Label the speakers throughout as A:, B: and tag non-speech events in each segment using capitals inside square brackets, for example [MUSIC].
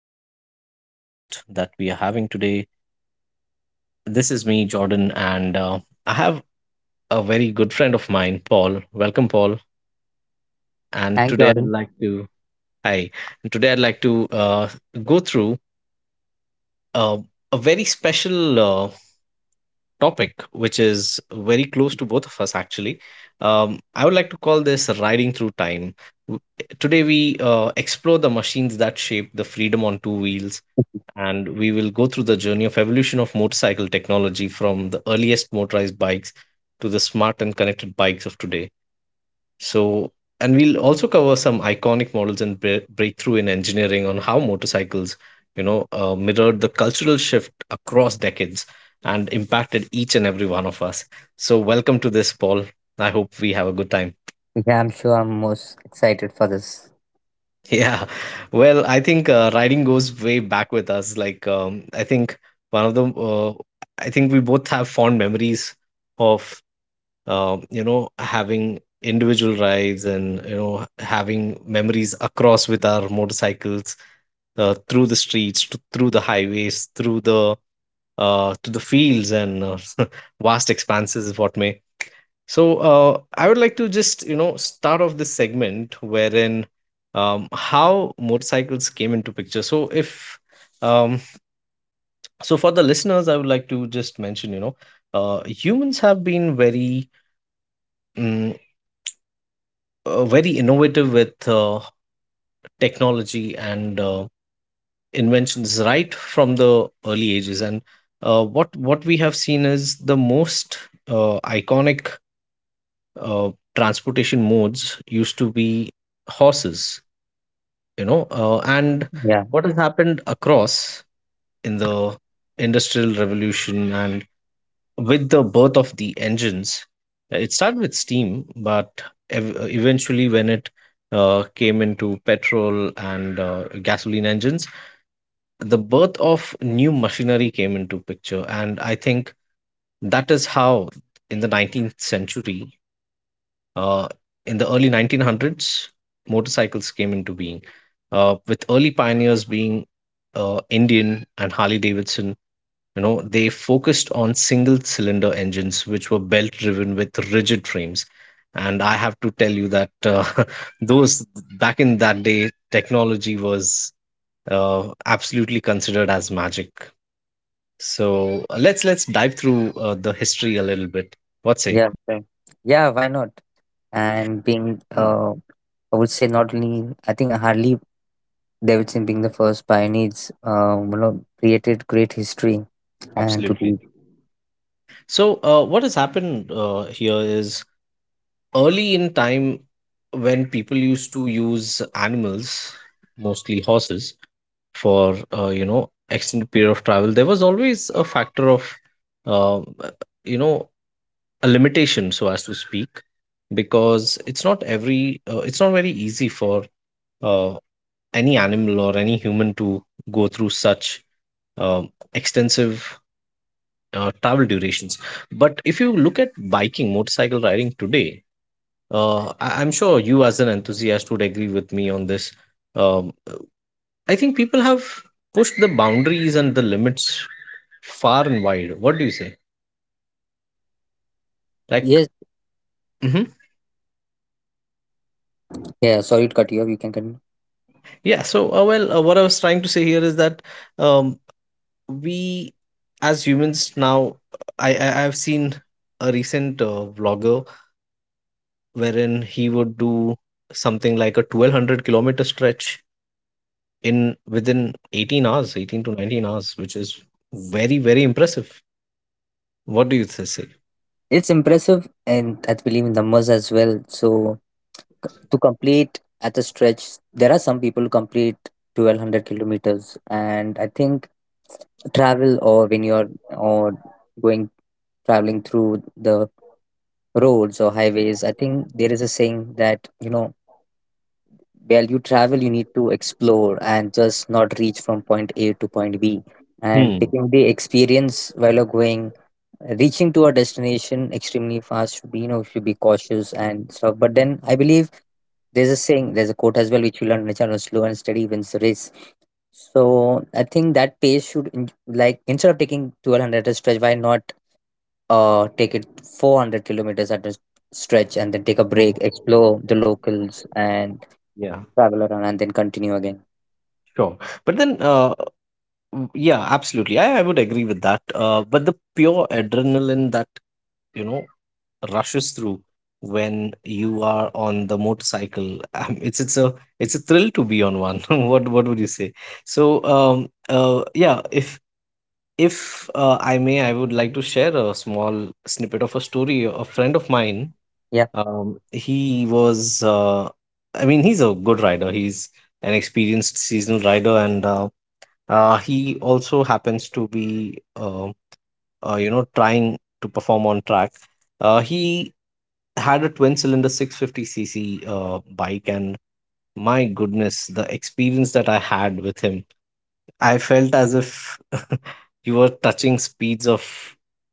A: to this podcast that we are having today. This is me, Jordan, and I have a very good friend of mine, Paul. Welcome, Paul. And
B: Hi,
A: today I'd
B: Jordan.
A: like to Hi. And today I'd like to go through uh, a very special uh, topic, which is very close to both of us, actually. I would like to call this riding through time. W- Today we explore the machines that shape the freedom on two wheels, and we will go through the journey of evolution of motorcycle technology from the earliest motorized bikes to the smart and connected bikes of today. So, and we'll also cover some iconic models and breakthrough in engineering on how motorcycles mirrored the cultural shift across decades and impacted each and every one of us. So, welcome to this, Paul. I hope we have a good time.
B: Yeah, I'm sure I'm most excited for this.
A: Yeah. Well, I think riding goes way back with us. Like, I think one of the, uh, I think we both have fond memories of, having individual rides, and, having memories across with our motorcycles, through the streets, through the highways, to the fields, and [LAUGHS] vast expanses, if what may. So I would like to just start off this segment wherein how motorcycles came into picture. So if um, so for the listeners, I would like to just mention humans have been mm, very innovative with technology, and inventions right from the early ages. And what we have seen is the most iconic uh, transportation modes used to be horses, and
B: Yeah,
A: what has happened across in the industrial revolution, and with the birth of the engines, it started with steam. But eventually, when it came into petrol and gasoline engines, the birth of new machinery came into picture. And I think that is how in the 19th century, uh, in the early 1900s, motorcycles came into being, with early pioneers being Indian and Harley Davidson. You know, they focused on single cylinder engines, which were belt driven with rigid frames. And I have to tell you that [LAUGHS] those, back in that day, technology was absolutely considered as magic. So let's dive through the history a little bit. What say?
B: yeah, sure. Yeah, why not? And being,
A: Hmm,
B: I would say not only, I think Harley Davidson being the first pioneers, you know, created great history and to
A: absolutely.
B: be.
A: So, what has happened here is, early in time when people used to use animals, mostly horses, for extended period of travel, there was always a factor of uh, you know a limitation, so as to speak, because it's not very easy for uh, any animal or any human to go through such extensive travel durations. But if you look at biking, motorcycle riding today, I'm sure you, as an enthusiast, would agree with me on this. Um, I think people have pushed the boundaries and the limits far and wide. What do you say? Like,
B: Yes,
A: hmm
B: yeah, sorry to cut you off. You can continue.
A: yeah. So, well, what I was trying to say here is that um, we, as humans, now I've seen a recent vlogger wherein he would do something like a 1200 kilometer stretch in within 18 hours, 18 to 19 hours, which is very very impressive. What do you say?
B: It's impressive and I believe in numbers as well. So to complete at a stretch, there are some people who complete 1,200 kilometers. And I think, travel or when you're or going traveling through the roads or highways, I think there is a saying that, while you travel you need to explore and just not reach from point A to point B, and
A: Hmm.
B: taking the experience while you're going, reaching to a destination extremely fast should be, should be cautious and stuff. But then I believe there's a saying, there's a quote as well, which we learned on the channel: slow and steady wins the race. So I think that pace should, instead of taking 1,200 at a stretch, why not take it 400 kilometers at a stretch and then take a
A: Hmm.
B: break, explore the locals, and
A: Yeah,
B: travel around and then continue again?
A: sure. But then, yeah, absolutely. I would agree with that. But the pure adrenaline that, you know, rushes through when you are on the motorcycle, [LAUGHS] it's a thrill to be on one. [LAUGHS] What would you say? So, yeah, If I may, I would like to share a small snippet of a story. A friend of mine,
B: Yeah,
A: he was, I mean, he's a good rider. He's an experienced seasonal rider, and he also happens to be, trying to perform on track. He had a twin cylinder 650cc bike, and my goodness, the experience that I had with him, I felt as if [LAUGHS] you were touching speeds of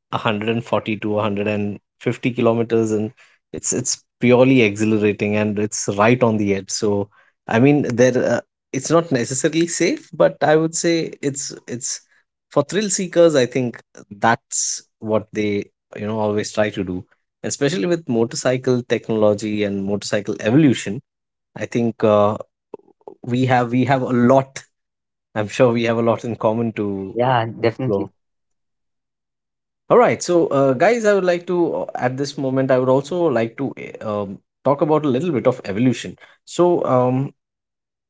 A: 140 to 150 kilometers, and it's purely exhilarating, and it's right on the edge. So I mean, there it's not necessarily safe, but I would say it's for thrill seekers. I think that's what they always try to do, especially with motorcycle technology and motorcycle evolution. I think we have a lot. I'm sure we have a lot in common to
B: yeah,
A: explore.
B: definitely.
A: All right, so guys, I would like to at this moment I would also like to uh, um, talk about a little bit of evolution. So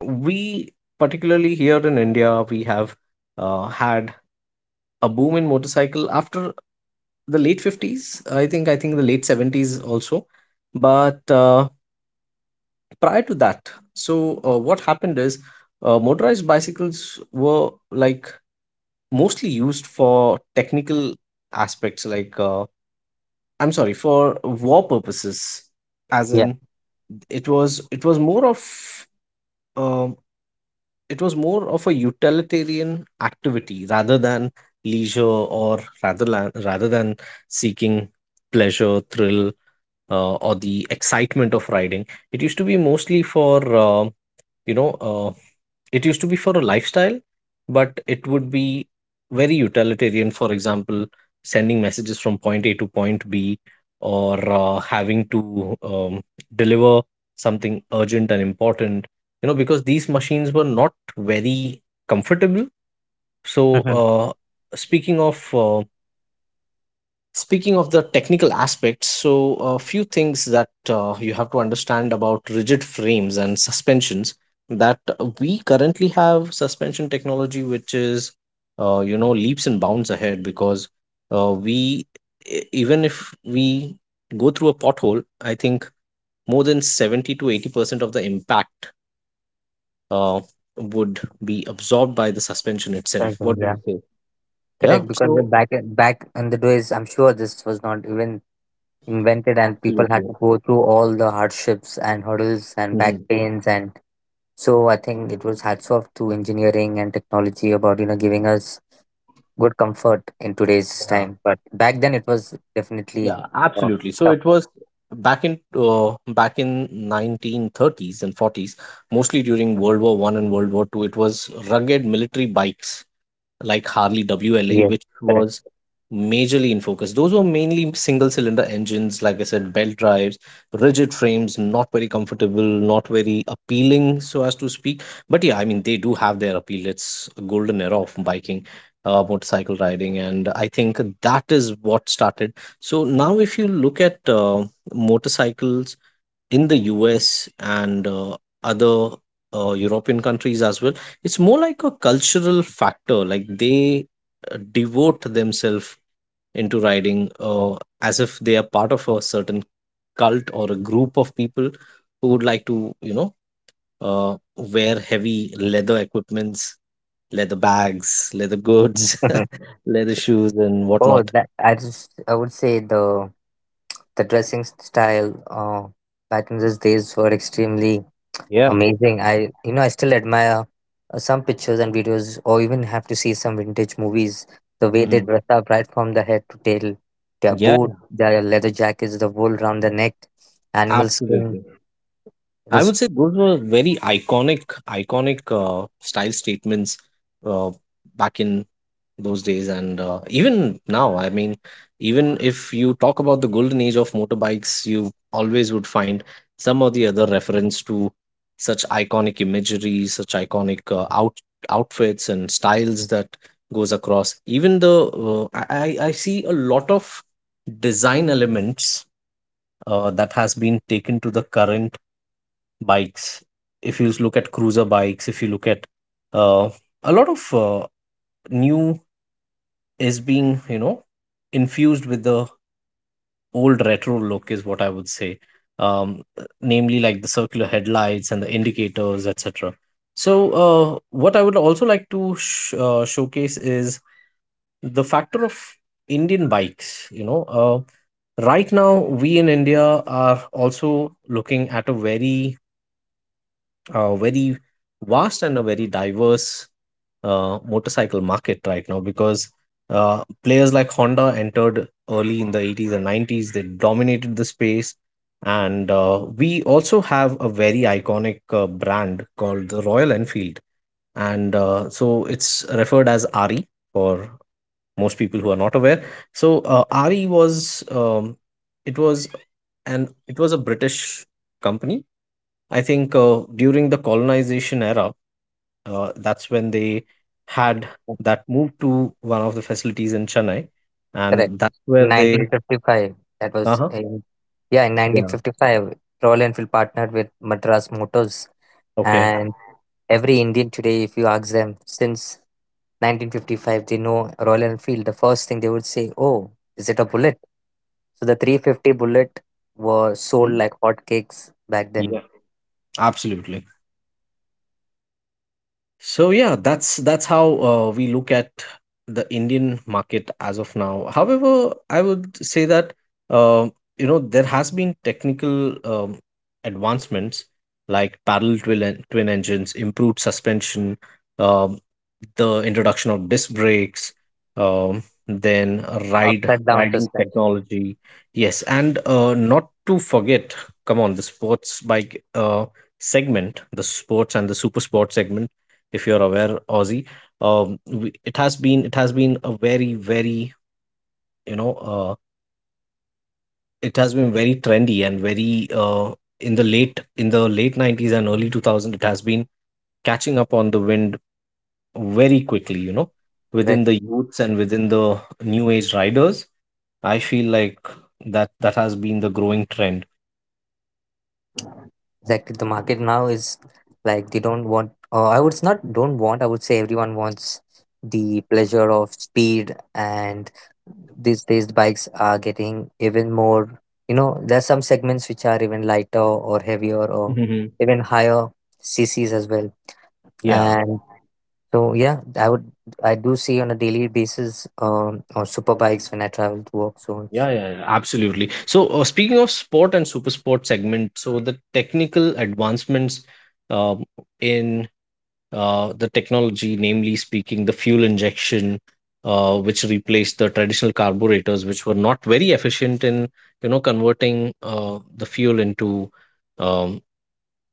A: we, particularly here in India, we have had a boom in motorcycle after the late 50s. I think the late 70s also, but prior to that. So what happened is, motorized bicycles were, like, mostly used for technical aspects, like I'm sorry, for war purposes. As
B: Yeah.
A: in, it was more of, um, it was more of a utilitarian activity rather than leisure, or rather rather than seeking pleasure, thrill, or the excitement of riding. It used to be mostly for, you know uh, it used to be for a lifestyle, but it would be very utilitarian. For example, sending messages from point a to point b, or having to deliver something urgent and important, because these machines were not very comfortable. So
B: Mhm.
A: uh, speaking of uh, Speaking of the technical aspects, so a few things that you have to understand about rigid frames and suspensions: that we currently have suspension technology, which is, leaps and bounds ahead, because we, even if we go through a pothole, I think more than 70 to 80% of the impact uh, would be absorbed by the suspension itself.
B: Definitely.
A: What do
B: Yeah,
A: you say? Yeah.
B: correct, because when
A: So,
B: back in the days, I'm sure this was not even invented, and people had
A: absolutely.
B: to go through all the hardships and hurdles and back
A: Mhm.
B: pains and... So I think it was hats off to engineering and technology about, you know, giving us good comfort in today's time. But back then it was definitely
A: Yeah,
B: uh,
A: absolutely. So
B: tough.
A: it was back in 1930s and 40s, mostly during World War I and World War II. It was rugged military bikes like Harley WLA,
B: Yes,
A: which
B: correct.
A: was majorly in focus. Those were mainly single cylinder engines, like I said, belt drives, rigid frames, not very comfortable, not very appealing, so as to speak. But yeah, I mean, they do have their appeal. It's a golden era of biking. Motorcycle riding, and I think that is what started. So now, if you look at motorcycles in the US and other European countries as well. It's more like a cultural factor, like they devote themselves into riding, as if they are part of a certain cult, or a group of people who would like to, wear heavy leather equipments, leather bags, leather goods,
B: [LAUGHS]
A: [LAUGHS] leather shoes, and
B: Oh,
A: whatnot.
B: that, I just, I would say the dressing style back in those days were extremely
A: Yeah.
B: amazing. I, you know, I still admire some pictures and videos, or even have to see some vintage movies. The way they
A: Mhm.
B: dress up right from the head to tail, their
A: Yeah,
B: boot, their leather jackets, the wool round the neck, animal skin.
A: absolutely.
B: It
A: I
B: was...
A: would say those were very iconic, iconic style statements, uh, back in those days, and even now. I mean, even if you talk about the golden age of motorbikes, you always would find some or the other reference to such iconic imagery, such iconic outfits and styles that goes across. Even the I see a lot of design elements that has been taken to the current bikes. If you look at cruiser bikes, if you look at uh, a lot of new is being infused with the old retro look, is what I would say. um, Namely, like the circular headlights and the indicators, etc. So what I would also like to showcase is the factor of Indian bikes, right now. We in India are also looking at a very vast and a very diverse motorcycle market right now, because players like Honda entered early in the 80s and 90s. They dominated the space. And we also have a very iconic brand called the Royal Enfield. And so it's referred as RE for most people who are not aware. So RE was, it was, and it was a British company, I think, during the colonization era, that's when they had that move to one of the facilities in Chennai,
B: Correct.
A: and that's where they.
B: 1955. That
A: Uh
B: was
A: huh.
B: in, yeah, in
A: Yeah.
B: 1955. Royal Enfield partnered with Madras Motors,
A: Okay.
B: and every Indian today, if you ask them since 1955, they know Royal Enfield. The first thing they would say, "Oh, is it a bullet?" So the 350 bullet was sold
A: Mhm.
B: like hotcakes back then.
A: Yeah. Absolutely. So yeah, that's how we look at the Indian market as of now. However, I would say that uh, there has been technical advancements, like parallel twin twin engines, improved suspension, um, the introduction of disc brakes, um, then ride
B: Upside down
A: riding
B: suspension.
A: technology. Yes, and not to forget, come on, the sports bike segment, the sports and the super sports segment if you're aware, Aussie. It has been a very you know uh, it has been very trendy and very in the late 90s and early 2000. It has been catching up on the wind very quickly, you know,
B: Right?
A: within the youths and within the new age riders. I feel like that has been the growing trend.
B: Exactly. The market now is, like, they don't want, I would not don't want, I would say everyone wants the pleasure of speed, and these days the bikes are getting even more. You know, there's some segments which are even lighter or heavier or
A: Hmm.
B: even higher CCs as well.
A: Yeah.
B: And so, yeah, I do see on a daily basis, or super bikes when I travel to work. So
A: Yeah,
B: it's
A: yeah, yeah, absolutely. So, speaking of sport and super sport segment, so the technical advancements, um, in the technology, namely speaking, the fuel injection, which replaced the traditional carburetors, which were not very efficient in, you know, converting the fuel into, um,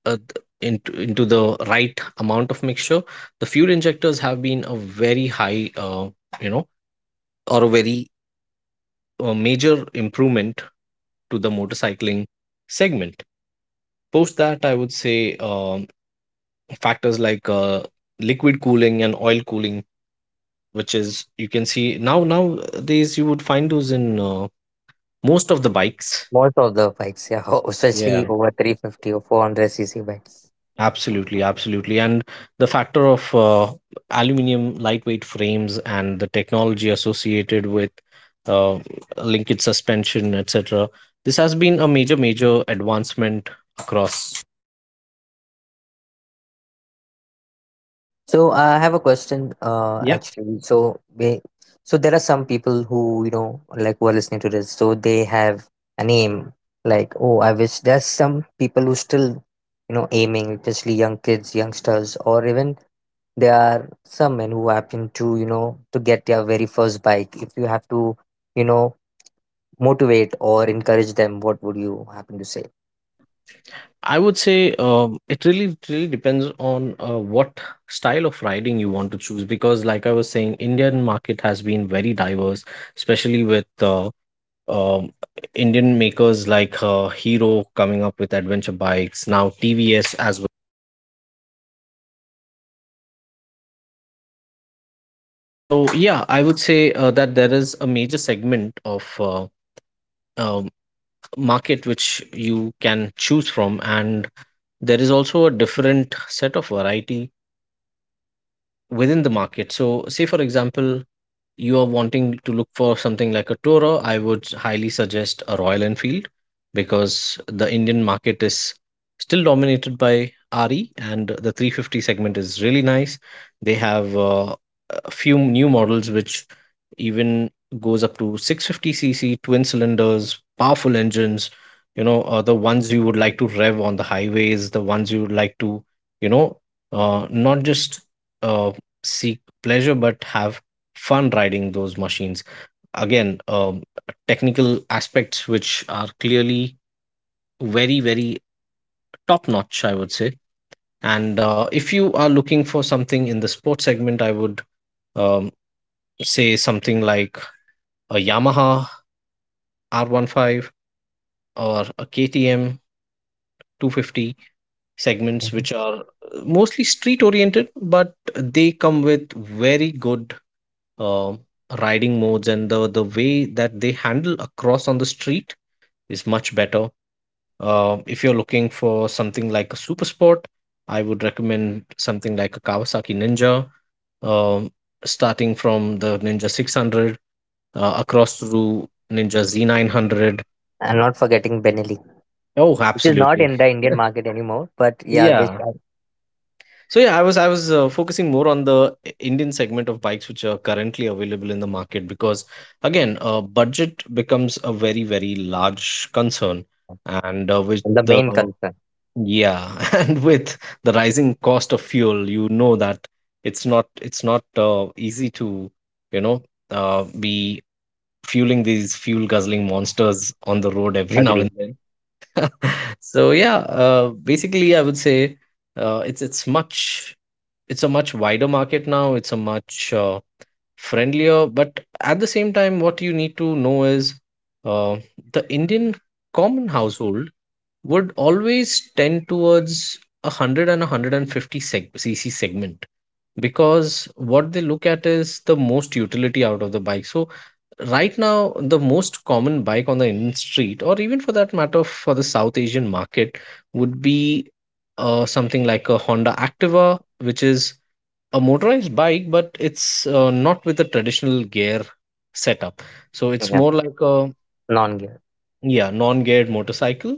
A: into the right amount of mixture. The fuel injectors have been a very high, you know, or a very a major improvement to the motorcycling segment. Post that, I would say, factors like liquid cooling and oil cooling, which is you can see now nowadays you would find those in most of the bikes.
B: most of the bikes, yeah, [LAUGHS] especially
A: Yeah.
B: over 350 or 400 CC bikes.
A: Absolutely, absolutely. And the factor of aluminum lightweight frames and the technology associated with uh, linkage suspension, etc. This has been a major, major advancement across.
B: So I have a question,
A: Yeah,
B: actually. So so there are some people who, you know, like, who are listening to this. So they have an aim, like, oh, I wish. There's some people who still, you know, aiming, especially young kids, youngsters, or even there are some men who happen to, you know, to get their very first bike. If you have to, you know, motivate or encourage them, what would you happen to say?
A: I would say, it really depends on what style of riding you want to choose, because, like I was saying, Indian market has been very diverse, especially with um, Indian makers like Hero coming up with adventure bikes, now TVS as well. So yeah, I would say that there is a major segment of um, market which you can choose from, and there is also a different set of variety within the market. So, say for example, you are wanting to look for something like a Toro. I would highly suggest a Royal Enfield, because the Indian market is still dominated by RE, and the 350 segment is really nice. They have a few new models which even goes up to 650cc twin cylinders, powerful engines, you know, the ones you would like to rev on the highways, the ones you would like to, you know, not just uh, seek pleasure, but have fun riding those machines. Again, technical aspects which are clearly very, very top notch, I would say. And if you are looking for something in the sports segment, I would, um, say something like a Yamaha R15 or a KTM 250
B: Yeah.
A: segments, which are mostly street oriented, but they come with very good um riding modes, and the way that they handle across on the street is much better. If you're looking for something like a super sport, I would recommend something like a Kawasaki Ninja, um, starting from the Ninja 600 across through Ninja Z900.
B: I, not forgetting Benelli,
A: Oh,
B: which is not
A: absolutely.
B: in the Indian
A: [LAUGHS]
B: market anymore. But yeah, I wish.
A: Yeah.
B: I...
A: So yeah, I was focusing more on the Indian segment of bikes which are currently available in the market, because again, budget becomes a very large concern,
B: Yeah.
A: and with
B: The
A: the.
B: main concern.
A: Yeah, [LAUGHS] and with the rising cost of fuel, you know that it's not easy to, you know be fueling these fuel guzzling monsters on the road every now
B: Agree.
A: and then. So yeah, basically I would say, it's much it's a much wider market now. It's a much friendlier, but at the same time, what you need to know is uh, the Indian common household would always tend towards a 100 and a 150 cc segment, because what they look at is the most utility out of the bike. So right now the most common bike on the Indian street, or even for that matter for the South Asian market, would be something like a Honda Activa, which is a motorized bike, but it's not with a traditional gear setup. So it's
B: Yeah.
A: more like a,
B: Non-gear.
A: yeah, non-geared motorcycle.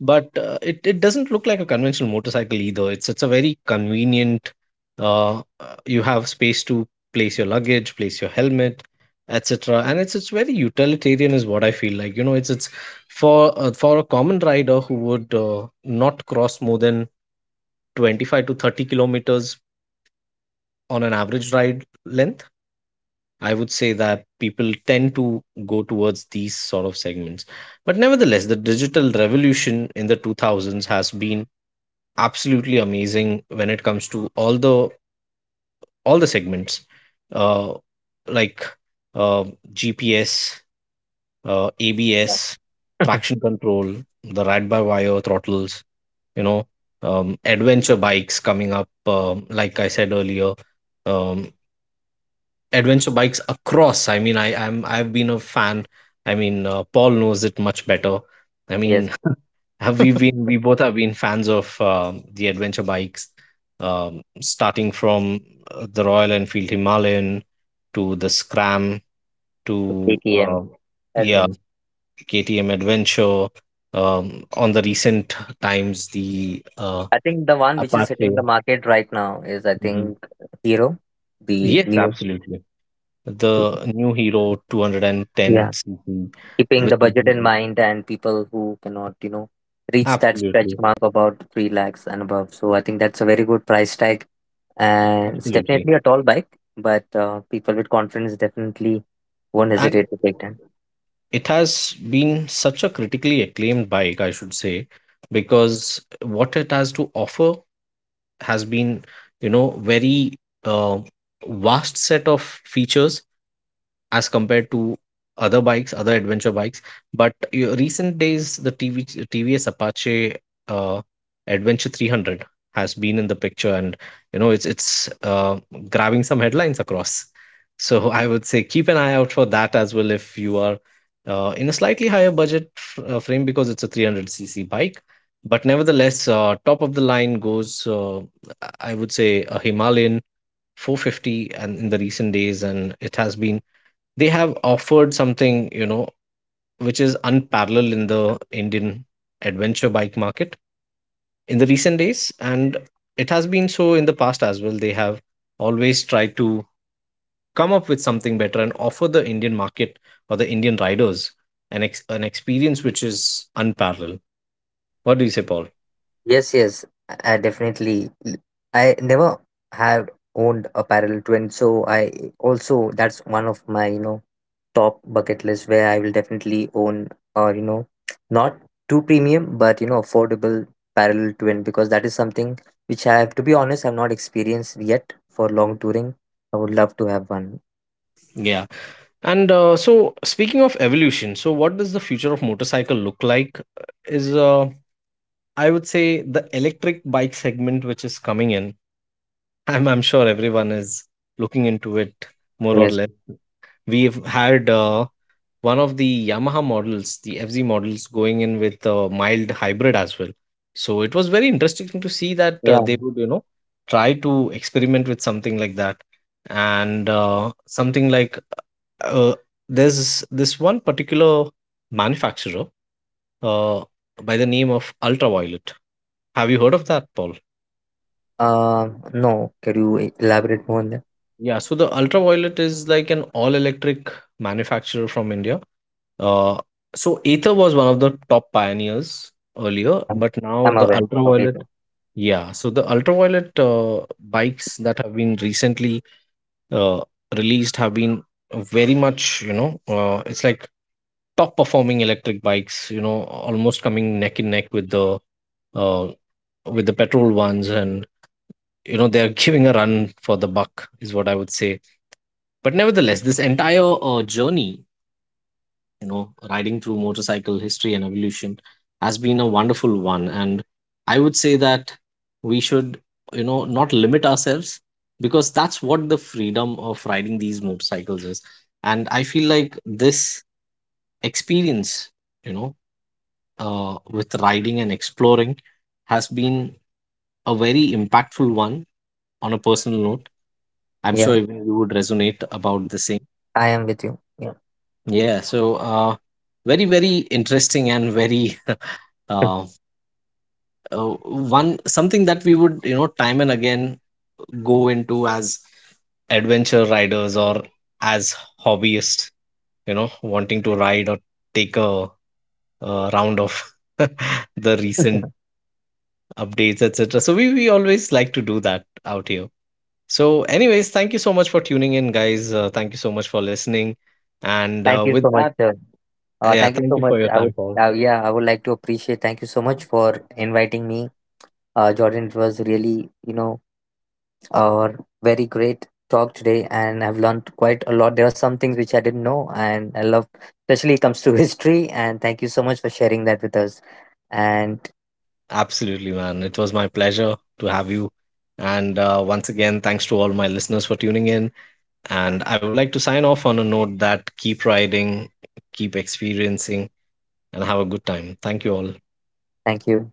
A: But it doesn't look like a conventional motorcycle either. It's a very convenient. Uh, uh, you have space to place your luggage, place your helmet, etc. And it's very utilitarian, is what I feel like. You know, it's for a common rider who would not cross more than 25 to 30 kilometers on an average ride length. I would say that people tend to go towards these sort of segments, but nevertheless the digital revolution in the 2000s has been absolutely amazing when it comes to all the segments, uh like uh GPS,
B: Yeah.
A: ABS,
B: [LAUGHS]
A: traction control, the ride by wire throttles, you know, adventure bikes coming up, like I said earlier, um adventure bikes across. I've been a fan. I mean, Paul knows it much better. I
B: Yes.
A: mean, [LAUGHS] have we been we both have been fans of the adventure bikes, starting from the Royal Enfield Himalayan to the Scram
B: [LAUGHS]
A: to
B: KTM
A: yeah,
B: Adventure.
A: KTM Adventure, on the recent times the
B: I think the one which is hitting
A: Apache.
B: the market right now is, I
A: Mhm.
B: think, Hero, the
A: Yes,
B: new...
A: absolutely, the new Hero
B: Yeah,
A: 210cc,
B: keeping
A: which
B: the
A: is.
B: budget in mind and people who cannot, you know, reach that stretch
A: Absolutely,
B: mark about 3 lakhs and above. So I think that's a very good price tag, and it's
A: absolutely.
B: definitely a tall bike, but people with confidence definitely won't
A: And
B: hesitate to take...
A: it has been such a critically acclaimed bike, I should say, because what it has to offer has been, you know, very uh, vast set of features as compared to other bikes, other adventure bikes. But recent days, the TVS Apache uh, Adventure 300 has been in the picture, and you know it's grabbing some headlines across. So I would say keep an eye out for that as well if you are in a slightly higher budget frame because it's a 300cc bike. But nevertheless, top of the line goes, I would say, a Himalayan 450. And in the recent days, and it has been, they have offered something, you know, which is unparalleled in the Indian adventure bike market in the recent days. And it has been so in the past as well. They have always tried to come up with something better and offer the Indian market or the Indian riders an an experience which is unparalleled. What do you say, Paul?
B: Yes, yes, I definitely. I never have owned a parallel twin, so I also, that's one of my, you know, top bucket list, where I will definitely own, or, you know, not too premium but, you know, affordable parallel twin, because that is something which, I have to be honest, I've not experienced yet for long touring. I would love to have one.
A: Yeah. And so, speaking of evolution, so what does the future of motorcycle look like? Is I would say the electric bike segment which is coming in. I'm sure everyone is looking into it more or
B: Yes.
A: less. We've had one of the Yamaha models, the FZ models, going in with a mild hybrid as well. So it was very interesting to see that
B: Yeah.
A: they would, you know, try to experiment with something like that. And something like, uh, there's this one particular manufacturer uh, by the name of Ultraviolet. Have you heard of that, Paul?
B: Um, no. Can you elaborate more on that?
A: Yeah, so the Ultraviolet is like an all-electric manufacturer from India. Uh, so Aether was one of the top pioneers earlier,
B: Yeah.
A: but now
B: I'm
A: the
B: aware of
A: Ultraviolet,
B: it.
A: yeah, so the Ultraviolet bikes that have been recently uh, released have been very much, you know, it's like top performing electric bikes, you know, almost coming neck and neck uh, with the petrol ones, and you know, they're [LAUGHS] giving a run for the buck, is what I would say. But nevertheless, this entire journey, you know, riding through motorcycle history and evolution, has been a wonderful one. And I would say that we should, you know, not limit ourselves, because that's what the freedom of riding these motorcycles is. And I feel like this experience, you know, with riding and exploring, has been a very impactful one on a personal note. I'm sure
B: Yeah.
A: even you would resonate about the same.
B: I am with you.
A: Yeah, so very, very interesting, and very [LAUGHS]
B: Yeah.
A: uh, one something that we would, you know, time and again go into as adventure riders, or as hobbyists, you know, wanting to ride or take a, round of [LAUGHS] the recent
B: [LAUGHS]
A: updates, etc. So we always like to do that out here. So, anyways, thank you so much for tuning in, guys. Thank you so much for listening. And
B: Thank you
A: with
B: so much,
A: that,
B: sir.
A: yeah,
B: Thank you
A: thank
B: so
A: you
B: much.
A: for your
B: I
A: time,
B: would,
A: Paul.
B: I would like to appreciate. Thank you so much for inviting me, Jordan. It was really, you know, uh, very great talk today, and I've learned quite a lot. There are some things which I didn't know, and I love, especially it comes to [LAUGHS] history. And thank you so much for sharing that with us. And
A: Absolutely, man. It was my pleasure to have you. And once again, thanks to all my listeners for tuning in. And I would like to sign off on a note that keep riding, keep experiencing, and have a good time. Thank you all.
B: thank you.